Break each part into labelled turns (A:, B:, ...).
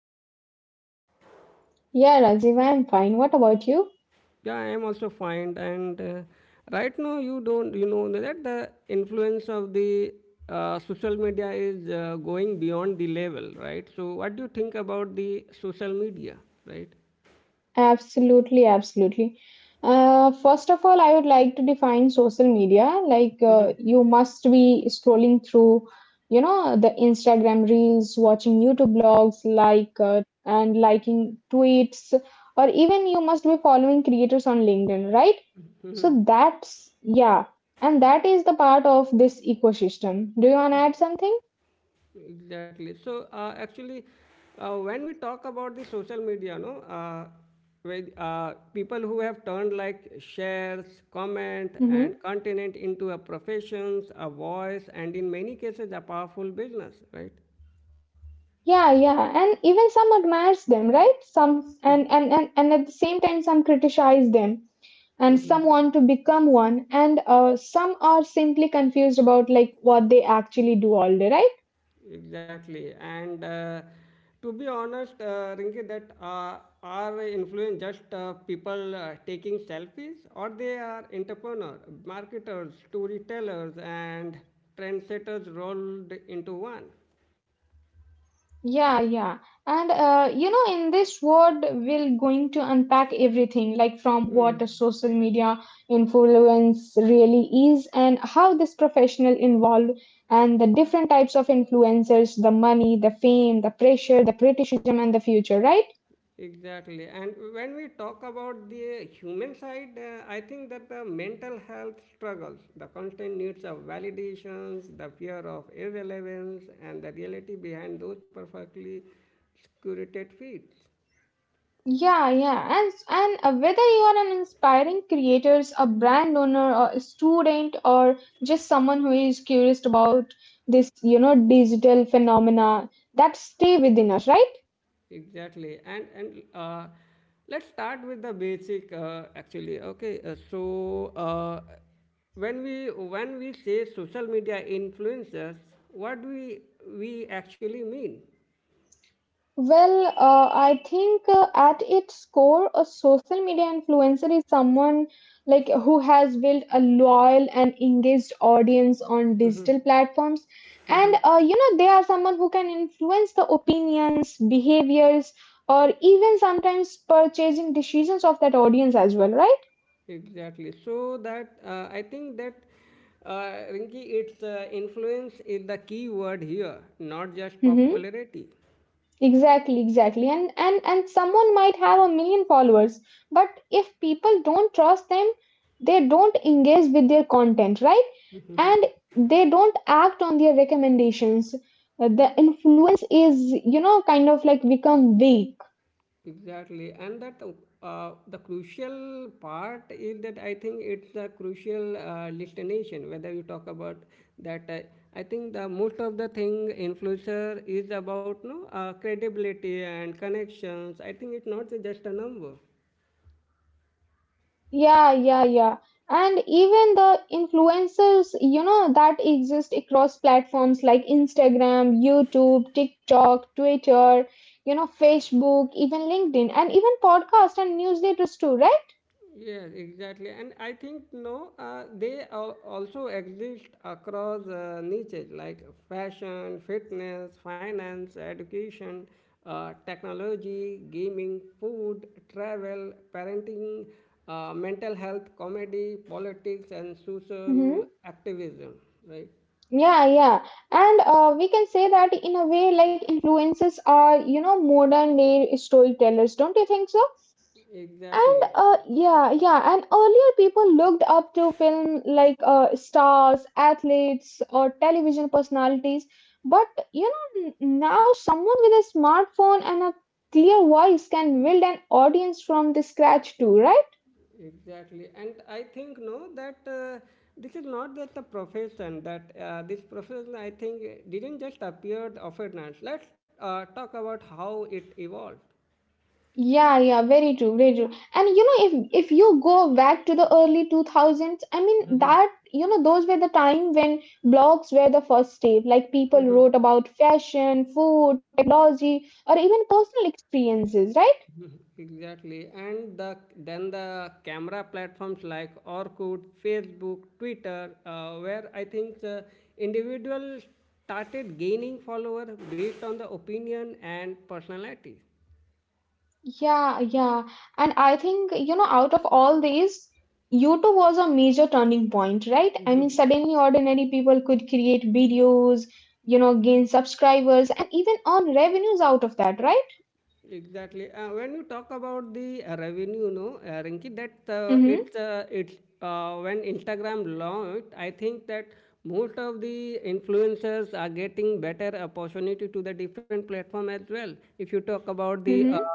A: today?
B: Yeah, Rajiv, I'm fine. What about you?
A: Yeah, I am also fine. And right now, you don't, you know that the influence of the social media is going beyond the level, right? So, what do you think about the social media, right?
B: Absolutely, absolutely. First of all, I would like to define social media. You must be scrolling through, the Instagram reels, watching YouTube blogs, and liking tweets, or even you must be following creators on LinkedIn, right? So that's, yeah, and that is the part of this ecosystem. Do you want to add something?
A: Exactly. Actually, when we talk about the social media, no, with people who have turned like shares, comment, and
B: Mm-hmm.
A: content into a professions, a voice, and in many cases a powerful business, right?
B: Yeah, yeah, and even some admires them, right? Some and at the same time, some criticize them, and some want to become one, and some are simply confused about like what they actually do all day, right?
A: Exactly. And to be honest, Rinki, that are influence just people taking selfies, or they are entrepreneurs, marketers, storytellers, and trendsetters rolled into one.
B: Yeah, yeah. And in this word, we're going to unpack everything, like from
A: Hmm.
B: what a social media influence really is, and how this professional involved, and the different types of influencers, the money, the fame, the pressure, the criticism, and the future, right?
A: Exactly. And when we talk about the human side, I think that the mental health struggles, the constant needs of validations, the fear of irrelevance, and the reality behind those perfectly curated feeds.
B: Yeah, yeah. And whether you are an inspiring creator, a brand owner, or a student, or just someone who is curious about this, digital phenomena that stay within us, right?
A: Exactly. And let's start with the basic, actually. Okay. When we say social media influencers what do we actually mean.
B: I think at its core, a social media influencer is someone like who has built a loyal and engaged audience on digital platforms. And they are someone who can influence the opinions, behaviors, or even sometimes purchasing decisions of that audience as well, right?
A: Exactly. So that I think that Rinki, its influence is the key word here, not just
B: Mm-hmm.
A: popularity.
B: Exactly, exactly. And someone might have a million followers, but if people don't trust them, they don't engage with their content, right? And they don't act on their recommendations. The influence is kind of like become weak.
A: Exactly, and that the crucial part is that I think it's the crucial destination. Whether you talk about that, I think the most of the thing influencer is about no credibility and connections. I think it's not just a number.
B: Yeah, yeah, yeah, and even the influencers, that exist across platforms like Instagram, YouTube, TikTok, Twitter, Facebook, even LinkedIn, and even podcast and newsletters too, right?
A: Yes, exactly. And I think no, they also exist across niches like fashion, fitness, finance, education, technology, gaming, food, travel, parenting, mental health, comedy, politics, and social
B: Hmm.
A: activism. Right?
B: Yeah, yeah. And we can say that in a way like influencers are, modern day storytellers, don't you think so? And
A: Exactly.
B: yeah, yeah. And earlier people looked up to film like stars, athletes, or television personalities. But you know, now someone with a smartphone and a clear voice can build an audience from the scratch too, right?
A: Exactly, and I think no that this is not just a profession. That this profession, I think, didn't just appear overnight. Let's talk about how it evolved.
B: Yeah, yeah, very true, very true. And you know, if you go back to the early 2000s, I mean that, you know, those were the time when blogs were the first step. Like people wrote about fashion, food, technology, or even personal experiences, right?
A: Exactly, and the then the camera platforms like Orkut, Facebook, Twitter, where I think individuals started gaining followers based on the opinion and personality.
B: Yeah, yeah. And I think, you know, out of all these, YouTube was a major turning point, right? I mean, suddenly ordinary people could create videos, you know, gain subscribers, and even earn revenues out of that, right?
A: Exactly. When you talk about the revenue, no, Rinki, that
B: Mm-hmm.
A: it's when Instagram launched, I think that most of the influencers are getting better opportunity to the different platform as well. If you talk about the
B: Mm-hmm.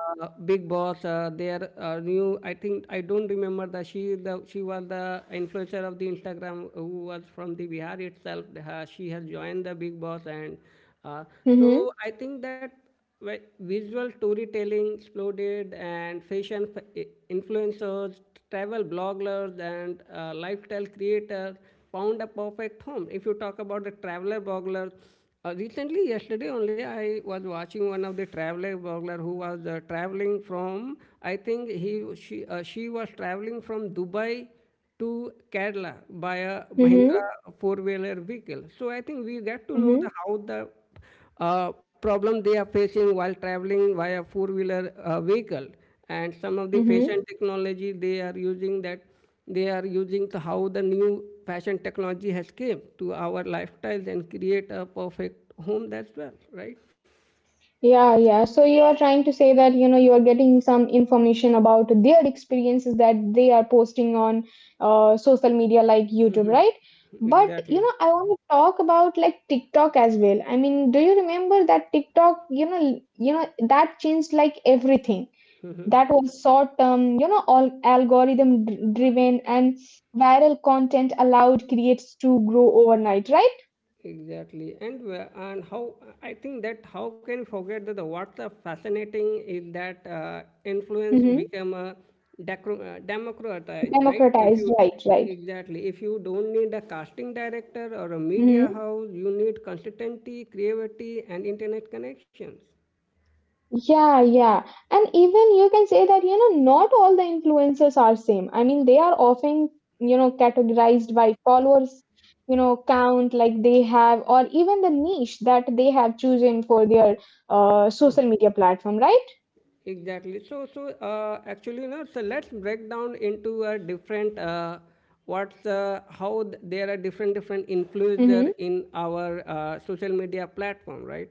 A: Big Boss, their new, I think I don't remember that she was the influencer of the Instagram who was from the Bihar itself. She has joined the Big Boss and. Uh,
B: Mm-hmm.
A: so I think that visual storytelling exploded and fashion influencers, travel bloggers, and lifestyle creators found a perfect home. If you talk about the traveler bloggers, recently, yesterday only, I was watching one of the traveler blogger who was traveling from. I think he she was traveling from Dubai to Kerala by a
B: Mm-hmm.
A: Mahindra four-wheeler vehicle. So I think we get to
B: Mm-hmm.
A: know the how the problem they are facing while traveling via four-wheeler vehicle. And some of the
B: Mm-hmm.
A: fashion technology they are using that they are using the, how the new fashion technology has came to our lifestyles and create a perfect home. That's well, right?
B: Yeah, yeah. So you are trying to say that, you know, you are getting some information about their experiences that they are posting on social media like YouTube, right? But, you
A: Exactly.
B: know, I want to talk about like TikTok as well. I mean, do you remember that TikTok, you know, that changed like everything. That was short term, you know, all algorithm driven and viral content allowed creates to grow overnight, right?
A: Exactly, and and how I think that how can we forget that the what's a fascinating is that influence become a democratized, right? If
B: Democratized,
A: you
B: right, right.
A: exactly if you don't need a casting director or a media
B: Hmm.
A: house, you need consistency, creativity, and internet connections.
B: Yeah, yeah. And even you can say that, you know, not all the influencers are same. I mean, they are often, you know, categorized by followers, you know, count like they have, or even the niche that they have chosen for the social media platform, right?
A: Exactly. So, actually, you know, so let's break down into a different what's how there are different different
B: Hmm.
A: influencer in our social media platform, right?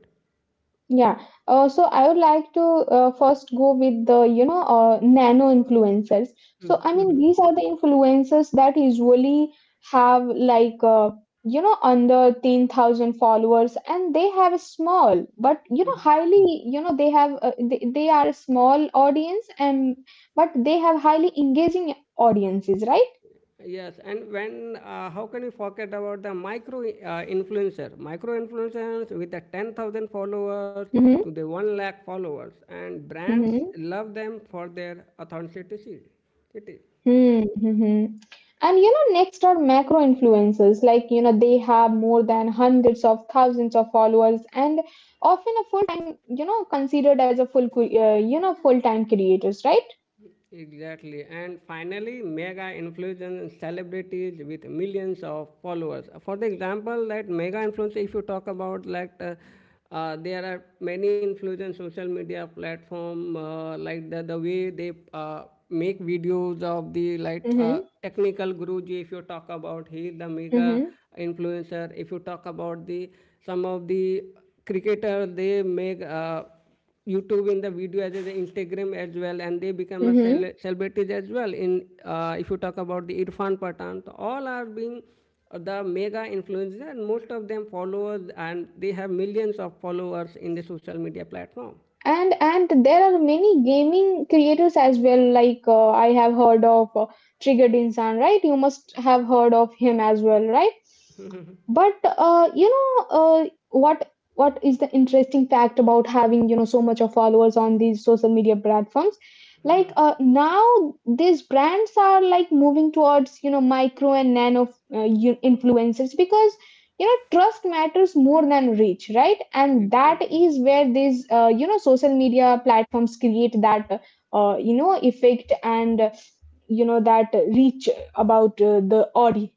B: Yeah. So I would like to first go with the, nano influencers. So I mean, these are the influencers that usually have like, under 10,000 followers and they have a small, but they have, they are a small audience and, but they have highly engaging audiences,
A: Yes, and when how can you forget about the micro micro influencers with the 10,000 followers to
B: right?
A: the one lakh followers, and brands
B: Mhm.
A: love them for their authenticity.
B: Hmm. Hmm. And you know, next are macro influencers. Like, you know, they have more than hundreds of thousands of followers and often a full-time, considered as a full, full-time creators, right?
A: Exactly. And finally, mega influencers, celebrities with millions of followers. For the example, that mega influencer, if you talk about like there are many influencers social media platform like the way they make videos of the like
B: Mm-hmm.
A: technical guruji. If you talk about he is the mega
B: Mm-hmm.
A: influencer. If you talk about the some of the cricketer, they make. YouTube in the video as well as Instagram as well, and they become a
B: Mm-hmm.
A: celebrities as well. In if you talk about the Irfan Pathan, so all are being the mega influencers, and most of them followers, and they have millions of followers in the social media platform.
B: And there are many gaming creators as well. Like I have heard of Triggered Insan, right? You must have heard of him as well, right? But uh, what what is the interesting fact about having, you know, so much of followers on these social media platforms? Like now these brands are like moving towards, you know, micro and nano influencers because you know trust matters more than reach, right? And that
A: Exactly.
B: is where these you know social media platforms create that you know effect and you know that reach about the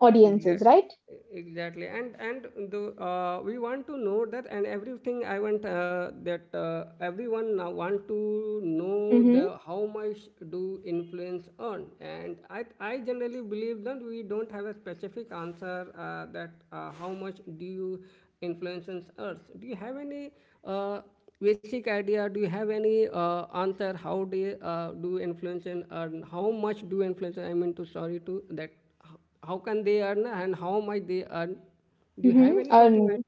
B: audiences,
A: Exact,
B: right?
A: exactly, and the we want to know that, and everything I want that everyone now want to know
B: Mm-hmm.
A: the how much do influence earn, and I generally believe that we don't have a specific answer that how much do you influences earn. Do you have any uh, basic idea? Do you have any answer? How do do influence and earn? How much do influence? I mean to sorry to that how can they earn and how much they earn, do you have
B: Mm-hmm.
A: any something
B: Earning.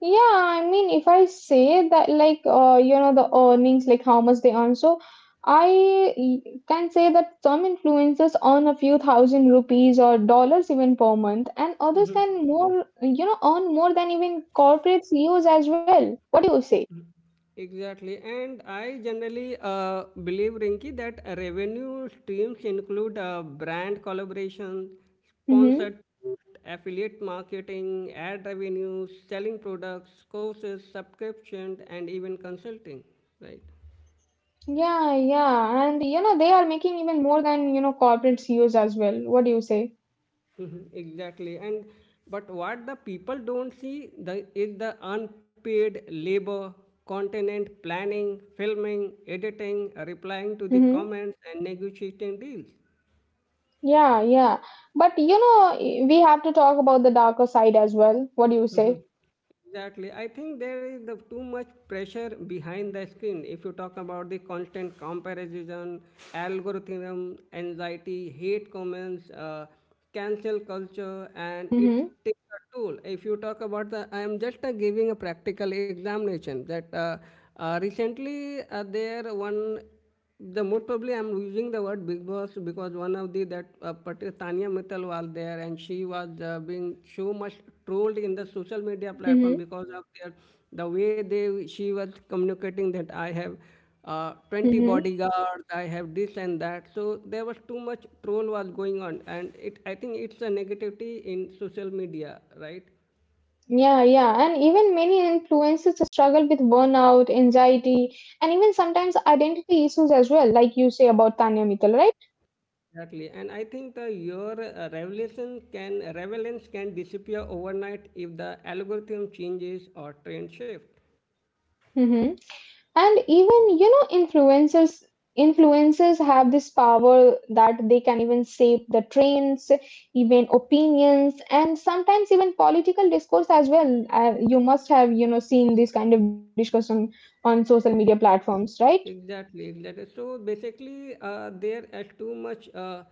B: Yeah, I mean, if I say that, like, the earnings, like how much they earn. So I can say that some influencers earn a few thousand rupees or dollars even per month, and others can more, you know, earn more than even corporate CEOs as well. What do you say?
A: exactly, and I generally believe Rinki that revenue streams include brand collaboration,
B: Mm-hmm.
A: sponsored post, affiliate marketing, ad revenues, selling products, courses, subscriptions, and even consulting, right?
B: Yeah, yeah. And, you know, they are making even more than, you know, corporate CEOs as well. What do you say?
A: Mhm, exactly. and But what the people don't see the is the unpaid labor, continent planning, filming, editing, replying to the
B: Mm-hmm.
A: comments, and negotiating deals.
B: Yeah, yeah. But you know, we have to talk about the darker side as well. What do you say?
A: Exactly. I think there is the too much pressure behind the screen. If you talk about the constant comparison, algorithm, anxiety, hate comments, cancel culture, and it
B: Mm-hmm.
A: takes a toll. If you talk about the, I am just giving a practical examination that recently there one the most probably I'm using the word Big Boss because one of the that particular Tanya Mittal was there and she was being so much trolled in the social media
B: Mm-hmm.
A: platform because of their the way they she was communicating that I have 20
B: Mm-hmm.
A: bodyguards, I have this and that. So there was too much troll was going on and it I think it's a negativity in social media, right?
B: Yeah, yeah. And even many influencers struggle with burnout, anxiety, and even sometimes identity issues as well, like you say about Tanya Mittal, right?
A: Exactly, and I think the your revelation can relevance can disappear overnight if the algorithm changes or trend shift.
B: Mm-hmm. And even, you know, influencers have this power that they can even shape the trends, even opinions, and sometimes even political discourse as well. You must have, you know, seen this kind of discussion on social media platforms, right?
A: Exactly, exactly. So basically, there is too much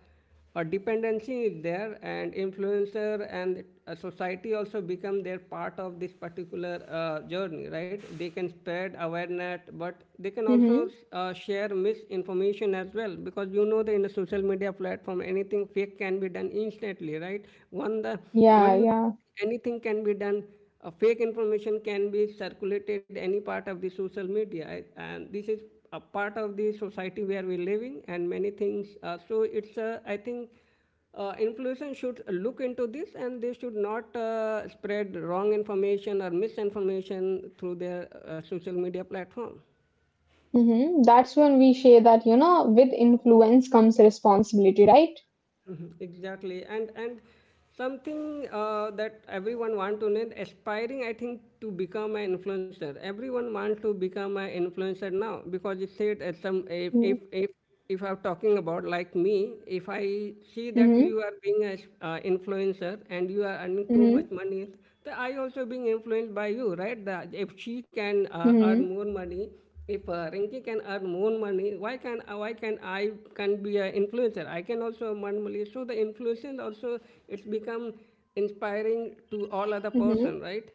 A: a dependency is there, and influencer and society also become their part of this particular journey, right? They can spread awareness, but they can also
B: Mm-hmm.
A: share misinformation as well, because you know that in a social media platform, anything fake can be done instantly, right? One the one you
B: Yeah, yeah.
A: anything can be done fake information can be circulated any part of the social media, and this is a part of the society where we're living, and many things so it's I think influencers should look into this and they should not spread wrong information or misinformation through their social media platform.
B: Mm-hmm. That's when we say that, you know, with influence comes responsibility, right?
A: Mhm, exactly, and something that everyone want to know, aspiring, I think, to become an influencer. Everyone wants to become an influencer now because it said at some
B: Mm-hmm.
A: if if I'm talking about like me, if I see
B: Mm-hmm.
A: that you are being an influencer and you are earning too much money, then I also being influenced by you, right? That if she can
B: Mm-hmm.
A: earn more money, if Rinky can earn more money, why can I can be an influencer? I can also earn money. So the influence also it's become inspiring to all other person,
B: Mm-hmm.
A: right?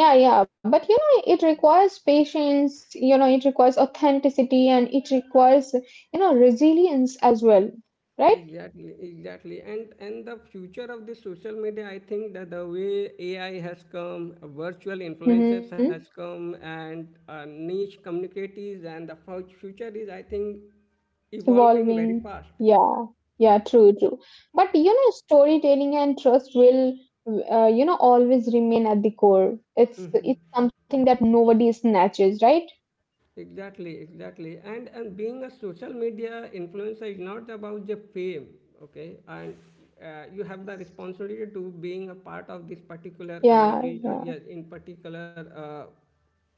B: Yeah, yeah, but you know, it requires patience, you know, it requires authenticity and it requires, you know, resilience as well, right?
A: Exactly, exactly. And the future of the social media, I think that the way AI has come, virtual influencers
B: Mm-hmm.
A: has come, and niche communities, and the future is, I think, evolving very
B: Evolving.
A: fast.
B: Yeah, yeah, true, true. But you know, storytelling and trust will, you know, always remain at the core. It's something that nobody snatches, right?
A: Exactly, exactly. And being a social media influencer is not about the fame, okay? And you
B: Mhm.
A: have the responsibility to being a part of this particular
B: Yeah,
A: conversation,
B: yeah,
A: yeah, in particular,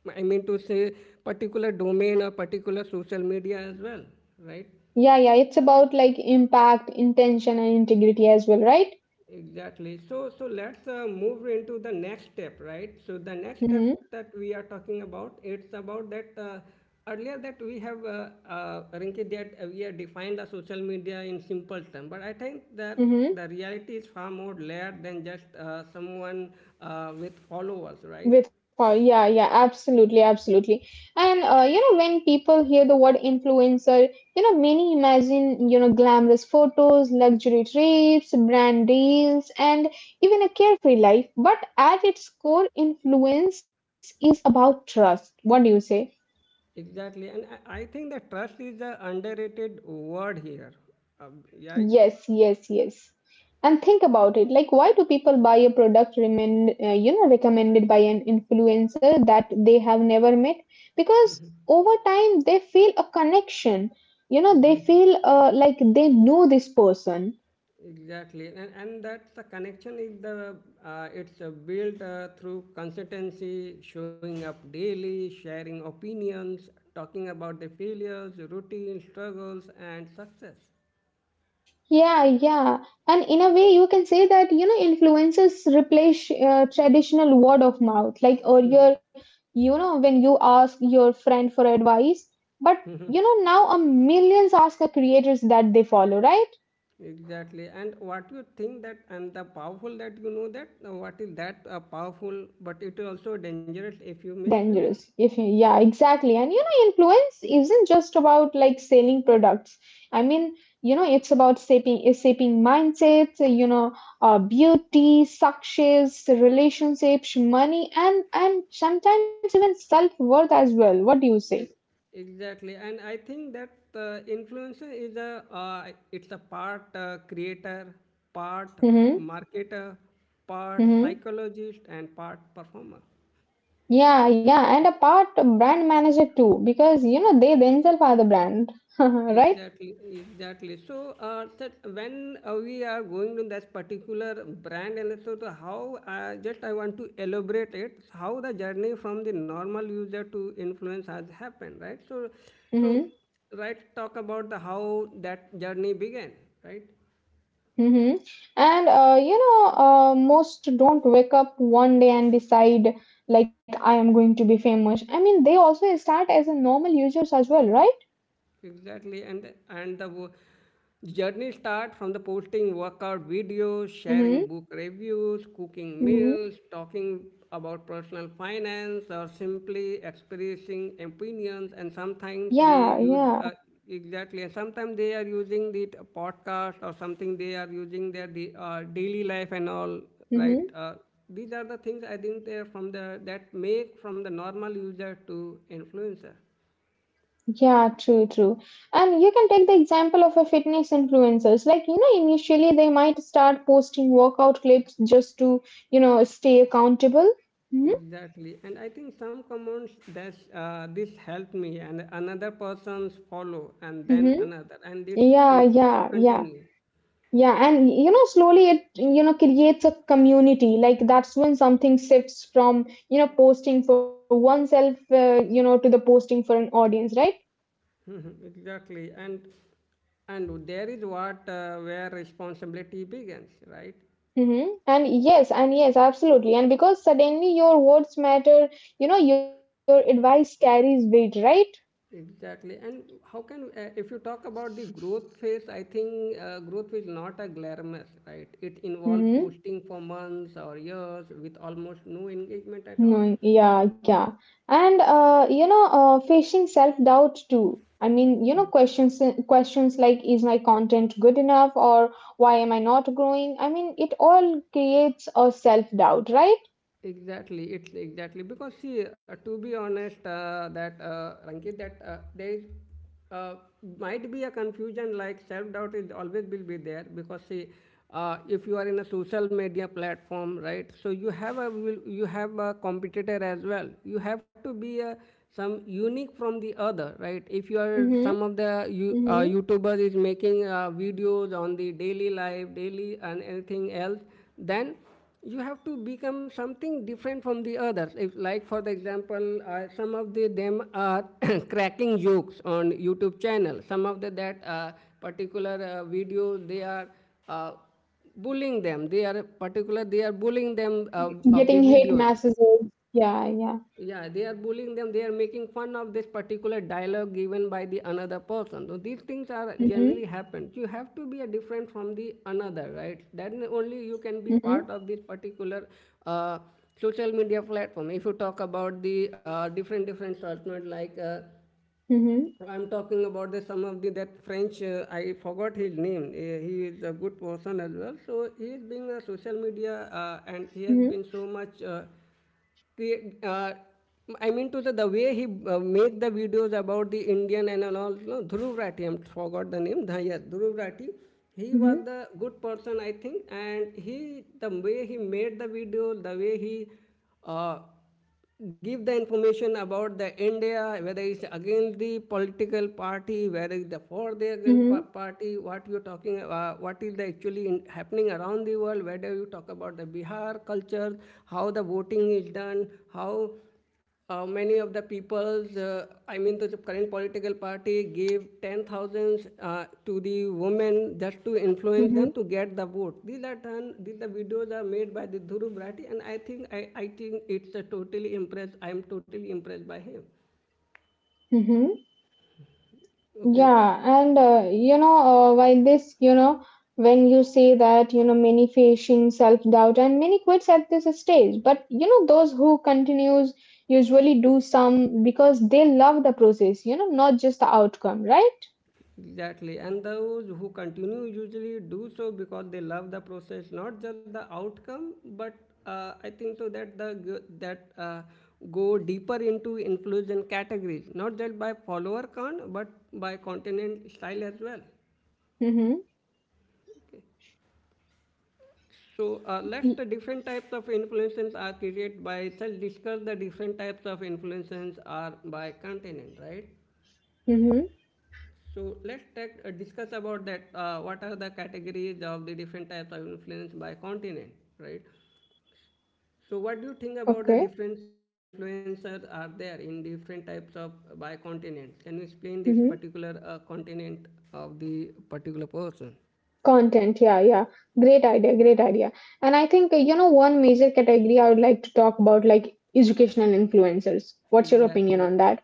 A: I mean to say particular domain or particular social media as well, right?
B: yeah, yeah. It's about like impact, intention, and integrity as well, right?
A: Exactly. So, so let's move into the next step, right? So the next step
B: Mm-hmm.
A: that we are talking about, it's about that earlier that we have Rinki, that we have defined the social media in simple terms, but I think that the
B: Mm-hmm.
A: reality is far more layered than just someone with followers, right?
B: With power, yeah, yeah, absolutely, absolutely. And you know, when people hear the word influencer, you know, many imagine, you know, glamorous photos, luxury trips, brand deals, and even a carefree life. But at its core, influence is about trust. What do you say?
A: Exactly. And I think that trust is the underrated word here. Uh, yeah.
B: Yes, yes, yes. And think about it. Like, why do people buy a product recommended by an influencer that they have never met? Because over time they feel a connection. You know, they feel like they know this person.
A: Exactly, and that's the connection is the it's built through consistency, showing up daily, sharing opinions, talking about the failures, routine struggles, and success.
B: Yeah, yeah. And in a way, you can say that, you know, influencers replace traditional word of mouth. Like earlier, you know, when you ask your friend for advice, but you know, now a millions ask the creators that they follow, right?
A: Exactly, and what you think that and the powerful that you know that what is that powerful, but it is also dangerous if you misuse.
B: Dangerous if you, yeah, exactly. And you know influence isn't just about like selling products. I mean, you know, it's about shaping mindsets, you know, beauty, success, relationships, money, and sometimes even self-worth as well. What do you
A: E-
B: say?
A: Exactly, and I think that influencer is a part creator, part
B: Mm-hmm.
A: marketer, part
B: Mm-hmm.
A: psychologist, and part performer.
B: Yeah, yeah, and a part of brand manager too, because you know they themselves are the brand right?
A: Exactly, exactly. So, that when we are going to that particular brand, and so the how just I want to elaborate it how the journey from the normal user to influence has happened, right? So, right, talk about the how that journey began, right?
B: Mm-hmm. And you know, most don't wake up one day and decide like I am going to be famous. I mean, they also start as a normal users as well, right?
A: Exactly, and journey start from the posting workout videos,
B: Mm-hmm.
A: sharing book reviews, cooking
B: Mm-hmm.
A: meals, talking about personal finance, or simply expressing opinions. And sometimes they
B: Yeah,
A: use
B: yeah.
A: exactly, and sometimes they are using the podcast or something. They are using their daily life and all. Right,
B: Mm-hmm.
A: these are the things I think they are from the that make from the normal user to influencer.
B: Yeah, true, true. And you can take the example of a fitness influencers. Like, you know, initially they might start posting workout clips just to, you know, stay accountable. Mm-hmm.
A: Exactly, and I think some comments that this helped me, and another person's follow, and then
B: Mm-hmm.
A: another, and it's
B: Yeah,
A: it's
B: yeah, yeah.
A: continue.
B: Yeah, and you know, slowly it you know creates a community. Like that's when something shifts from you know posting for oneself, to the posting for an audience, right?
A: Mhm, exactly, and there is what where responsibility begins, right?
B: Mm-hmm. And yes, absolutely. And because suddenly your words matter, you know, your advice carries weight, right?
A: Exactly, and how can if you talk about the growth phase, I think growth is not a glamorous, right? It involves
B: Mm-hmm.
A: posting for months or years with almost no engagement at all.
B: No, yeah, yeah. And you know, facing self doubt too. I mean, you know, questions like is my content good enough, or why am I not growing? I mean, it all creates a self doubt, right?
A: Exactly, it's exactly because see, to be honest, that Rankit, that there is, uh, might be a confusion like self doubt is always will be there because see, if you are in a social media platform, right? So you have a will you have a competitor as well. You have to be a some unique from the other, right? If you are
B: Mm-hmm.
A: some of the you,
B: Mm-hmm.
A: YouTubers is making videos on the daily life, daily and anything else, then you have to become something different from the others. If, like for the example, some of the them are cracking jokes on YouTube channel. Some of the that particular video they are uh, bullying them. They are particular they are bullying them of the
B: Getting hate
A: videos
B: messages. Yeah, yeah.
A: yeah they are bullying them. They are making fun of this particular dialogue given by the another person, so these things
B: Mm-hmm.
A: are generally happen. You have to be a different from the another, right? Then only you can be
B: Mm-hmm.
A: part of this particular uh, social media platform. If you talk about the different different alternate like
B: Mm-hmm.
A: I'm talking about the some of the that French. I forgot his name. He is a good person as well. So he is being a social media,
B: Mm-hmm.
A: and he has been so much. Create, uh, I mean to the way he make the videos about the Indian and all. No, Dhruv Rathi. I forgot the name. Yes, Dhruv Rathi.
B: Mm-hmm.
A: He was the good person, I think, and he the way he made the video, the way he uh, give the information about the India, whether it's against the political party, whether it's the for the
B: Mm-hmm.
A: against party, what you're talking, what is the actually in, happening around the world, whether you talk about the Bihar culture, how the voting is done, how many of the peoples, I mean the current political party, gave 10,000s to the women just to influence them to get the vote. These are done, these the videos are made by the Dhuru Bharati, and I think I think it's a totally impressed. I'm totally impressed by him.
B: Mm-hmm.
A: Okay,
B: Yeah, and you know, while this, you know, when you say that, you know, many facing self-doubt and many quits at this stage, but you know, those who continues usually do some because they love the process, you know, not just the outcome, right?
A: exactly, and those who continue usually do so because they love the process, not just the outcome. But I think so that the g- that go deeper into influence categories, not just by follower count, but by continent style as well.
B: Mm-hmm.
A: Okay. So let's the different types of influences are created by. So discuss the different types of influences are by continent, right?
B: Mm-hmm.
A: So let's take, discuss about that. What are the categories of the different types of influence by continent, right? So what do you think about the
B: Okay.
A: different influencers are there in different types of by continent? Can you explain this
B: Mm-hmm.
A: particular continent of the particular person?
B: Content, yeah, yeah. Great idea, great idea. And I think, you know, one major category I would like to talk about, like educational influencers. What's your opinion
A: Exactly.
B: on that?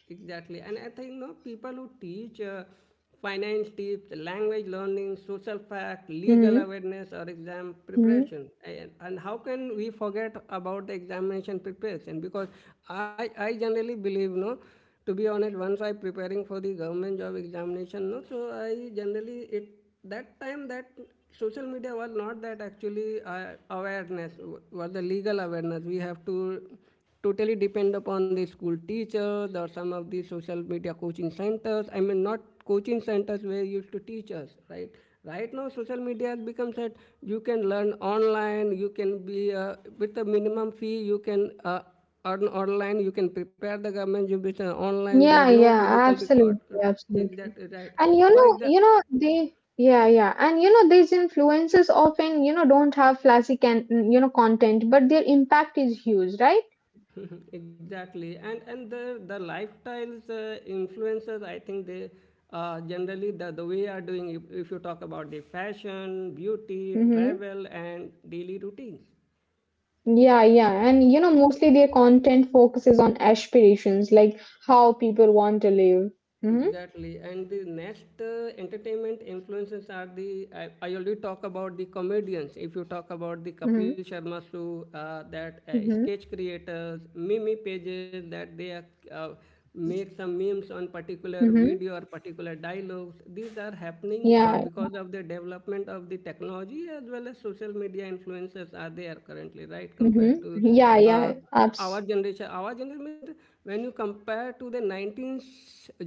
A: Exactly. And I think no people who teach finance tips, language learning, social fact, legal
B: Mm-hmm.
A: awareness, or exam preparation. And how can we forget about the examination preparation? Because I generally believe no. To be honest, once I preparing for the government job examination, no, so I generally it that time that social media was not that actually awareness was the legal awareness we have to totally depend upon the school teachers or some of the social media coaching centers. I mean, not coaching centers where you used to teach us, right? Right now, social media has become that you can learn online. You can be with a minimum fee. You can earn online. You can prepare the government. You be online. There are no
B: Yeah,
A: physical
B: yeah,
A: record.
B: absolutely,
A: Is that
B: absolutely.
A: right?
B: And
A: For example,
B: you know, they, yeah, yeah. And you know, these influences often, you know, don't have flashy can, mm, you know, content, but their impact is huge, right?
A: exactly, and the lifestyles influences I think they generally the way are doing if you talk about the fashion beauty
B: Mm-hmm.
A: travel and daily routines.
B: Yeah, yeah. And you know, mostly their content focuses on aspirations, like how people want to live. Mm-hmm.
A: Exactly, and the next entertainment influences are the I already talk about the comedians. If you talk about the
B: Mm-hmm.
A: Kapil Sharma show, that
B: Mm-hmm.
A: sketch creators, meme pages that they are, uh, make some memes on particular
B: Mm-hmm.
A: video or particular dialogues. These are happening
B: Yeah.
A: because of the development of the technology as well as social media influences are there currently, right?
B: Mm-hmm.
A: Compared to
B: Yeah,
A: uh,
B: yeah.
A: our
B: Abs.
A: generation, our generation means when you compare to the 19th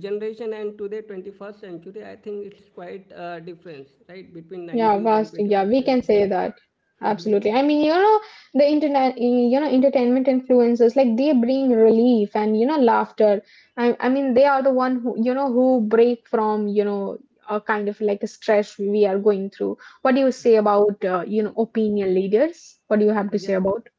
A: generation and to the 21st century, I think it's quite a difference, right? Between
B: Yeah,
A: 90s and
B: vast. Yeah,
A: 21st
B: we can
A: century.
B: say that. Absolutely. I mean, you know, the internet, you know, entertainment influencers, like they bring relief and, you know, laughter. I mean, they are the one who, you know, who break from, you know, a kind of like a stress we are going through. What do you say about, you know, opinion leaders? What do you have to say
A: Exa-
B: about?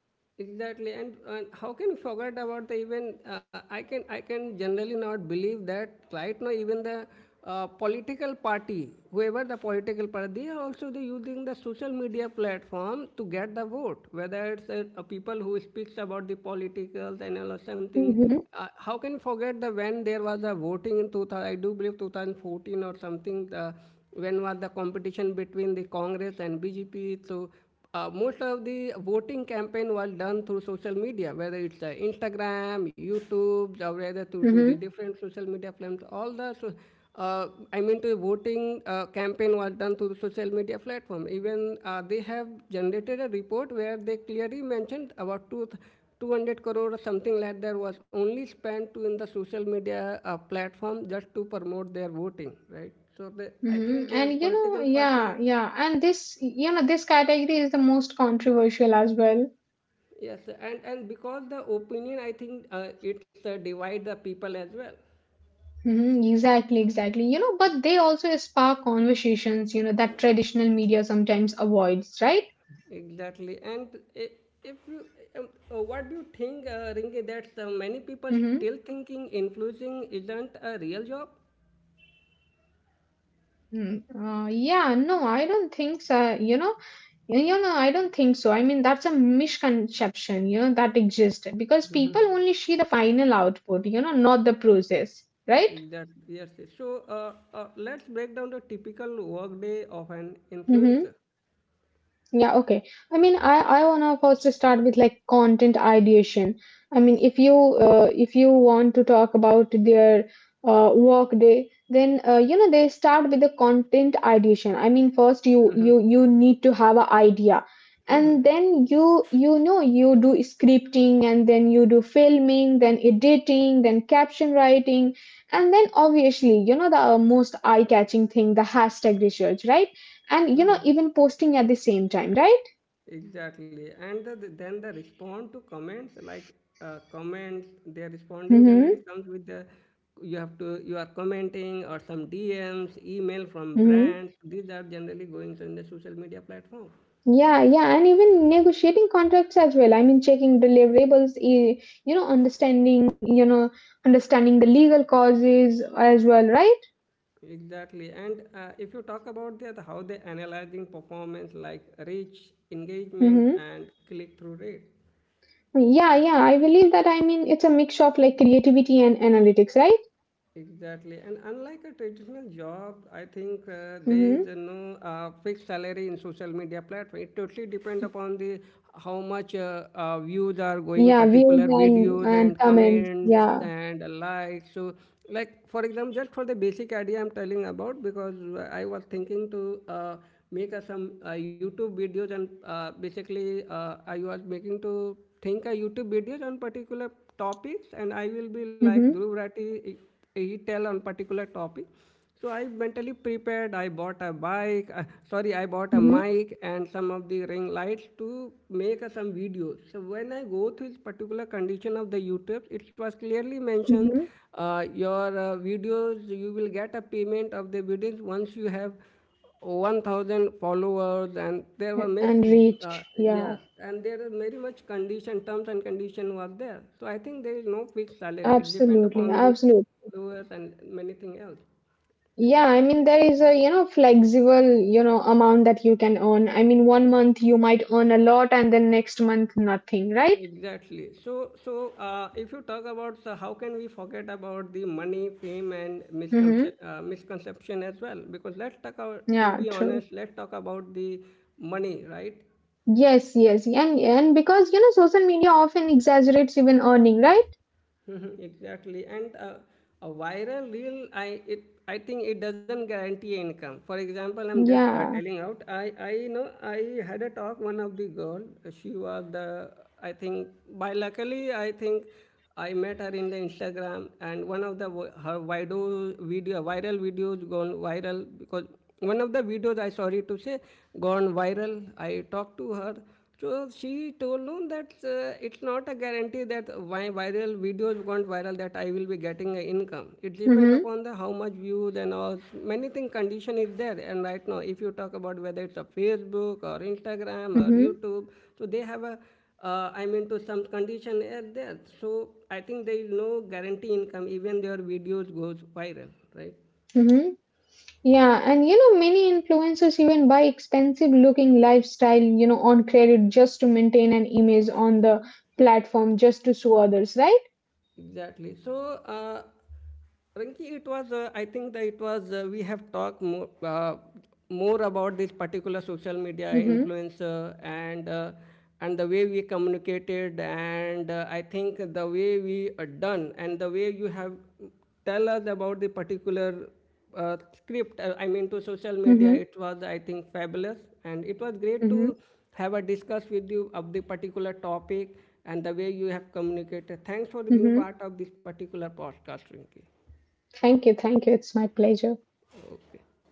A: exactly, and how can you forget about the even I can generally not believe that right now even the political party whoever the political party they are also they using the social media platform to get the vote, whether it's people who speaks about the politicals and all or something.
B: Mm-hmm.
A: How can you forget the when there was a voting in 2000, I do believe 2014 or something, the when was the competition between the Congress and BJP? So most of the voting campaign was done through social media, whether it's Instagram, YouTube, or whether through the
B: Mm-hmm.
A: different social media platforms. All the, so, I mean, the voting campaign was done through the social media platform. Even they have generated a report where they clearly mentioned about two. 200 crore or something like that was only spent to in the social media platform just to promote their voting, right? So they, I think
B: Mm-hmm.
A: their
B: And, you know,
A: political party.
B: yeah, yeah. And this, you know, this category is the most controversial as well.
A: Yes, and because the opinion, I think it's divide the people as well.
B: Mhm, exactly, exactly. You know, but they also spark conversations, you know, that traditional media sometimes avoids, right?
A: Exactly, and I- if you, what do you think, Ringi, that many people still
B: Mm-hmm.
A: thinking influencing isn't a real job?
B: Yeah, no, I don't think so. You know, no, I don't think so. I mean, that's a misconception, you know, that exists because people only see the final output, you know, not the process, right?
A: Exactly. Yes. Yes. So let's break down the typical workday of an
B: Mm-hmm.
A: influencer.
B: Yeah, okay. I mean, I wanna first start with like content ideation. I mean, if you want to talk about their work day, then you know they start with the content ideation. I mean, first you need to have an idea, and then you know you do scripting, and then you do filming, then editing, then caption writing, and then obviously you know the most eye catching thing, the hashtag research, right? And you know, even posting at the same time, right?
A: Exactly, and the, then the respond to comments like comments they are responding generally
B: Mm-hmm.
A: comes with the you have to you are commenting or some DMs, email from
B: Mm-hmm.
A: brands. These are generally going to the social media platform.
B: Yeah, yeah, and even negotiating contracts as well. I mean checking deliverables, you know understanding the legal causes as well, right?
A: Exactly, and if you talk about that how they analyzing performance like reach, engagement,
B: Mm-hmm.
A: and click through rate.
B: Yeah, yeah, I believe that. I mean it's a mix of like creativity and analytics, right?
A: Exactly, and unlike a traditional job, I think there
B: Mm-hmm.
A: is no fixed salary in social media platform. It totally depend upon the how much views are going
B: Yeah, views
A: particular
B: and
A: videos and
B: comments,
A: comments
B: yeah.
A: and likes. So, like for example, just for the basic idea I'm telling about because I was thinking to make some YouTube videos and basically I was making to think a YouTube videos on particular topics, and I will be like
B: Mm-hmm.
A: Dhruv Rathi, tell on particular topic. So I mentally prepared. I bought a bike. Sorry, I bought a
B: Mm-hmm.
A: mic and some of the ring lights to make some videos. So when I go through this particular condition of the YouTube, it was clearly
B: Mm-hmm.
A: mentioned your videos. You will get a payment of the videos once you have 1,000 followers, and there were much,
B: And reach, yeah.
A: yes, and there are very much condition, terms and condition was there. So I think there is no fixed salary. It depends
B: Absolutely,
A: upon the
B: absolutely.
A: followers and many thing else.
B: Yeah, I mean there is a you know flexible you know amount that you can earn. I mean one month you might earn a lot and then next month nothing, right?
A: Exactly. So, so if you talk about how can we forget about the money, fame, and
B: Mm-hmm.
A: misconception, misconception as well? Because let's talk about, to
B: Yeah,
A: be
B: true.
A: honest, let's talk about the money, right?
B: Yes, yes. And because you know social media often exaggerates even earning, right?
A: Mhm, exactly, and a viral reel, I think it doesn't guarantee income. For example, I'm just
B: Yeah.
A: telling out, I you know I had a talk one of the girl, she was the I think by luckily, I think I met her in the instagram, and one of the her video viral videos gone viral because one of the videos, I sorry to say, gone viral. I talked to her, so she told him that it's not a guarantee that my viral videos gone viral that I will be getting an income. It depends
B: Mm-hmm.
A: upon the how much views and all many thing condition is there. And right now, if you talk about whether it's a Facebook or Instagram or
B: Mm-hmm.
A: YouTube, so they have a I mean to some condition are there. So I think there is no guarantee income even their videos goes viral, right?
B: Mm-hmm. Yeah, and you know many influencers even buy expensive looking lifestyle, you know, on credit just to maintain an image on the platform just to show others, right?
A: Exactly. So, Rinki, it was, I think that it was, we have talked more, more about this particular social media
B: Mm-hmm.
A: influencer and the way we communicated, and I think the way we are done and the way you have tell us about the particular script, I mean to social
B: Mm-hmm.
A: media, it was I think fabulous, and it was great
B: Mm-hmm.
A: to have a discuss with you of the particular topic, and the way you have communicated. Thanks for being
B: Mm-hmm.
A: part of this particular podcast, Rinki.
B: Thank you. Thank you. It's my pleasure.
A: Okay.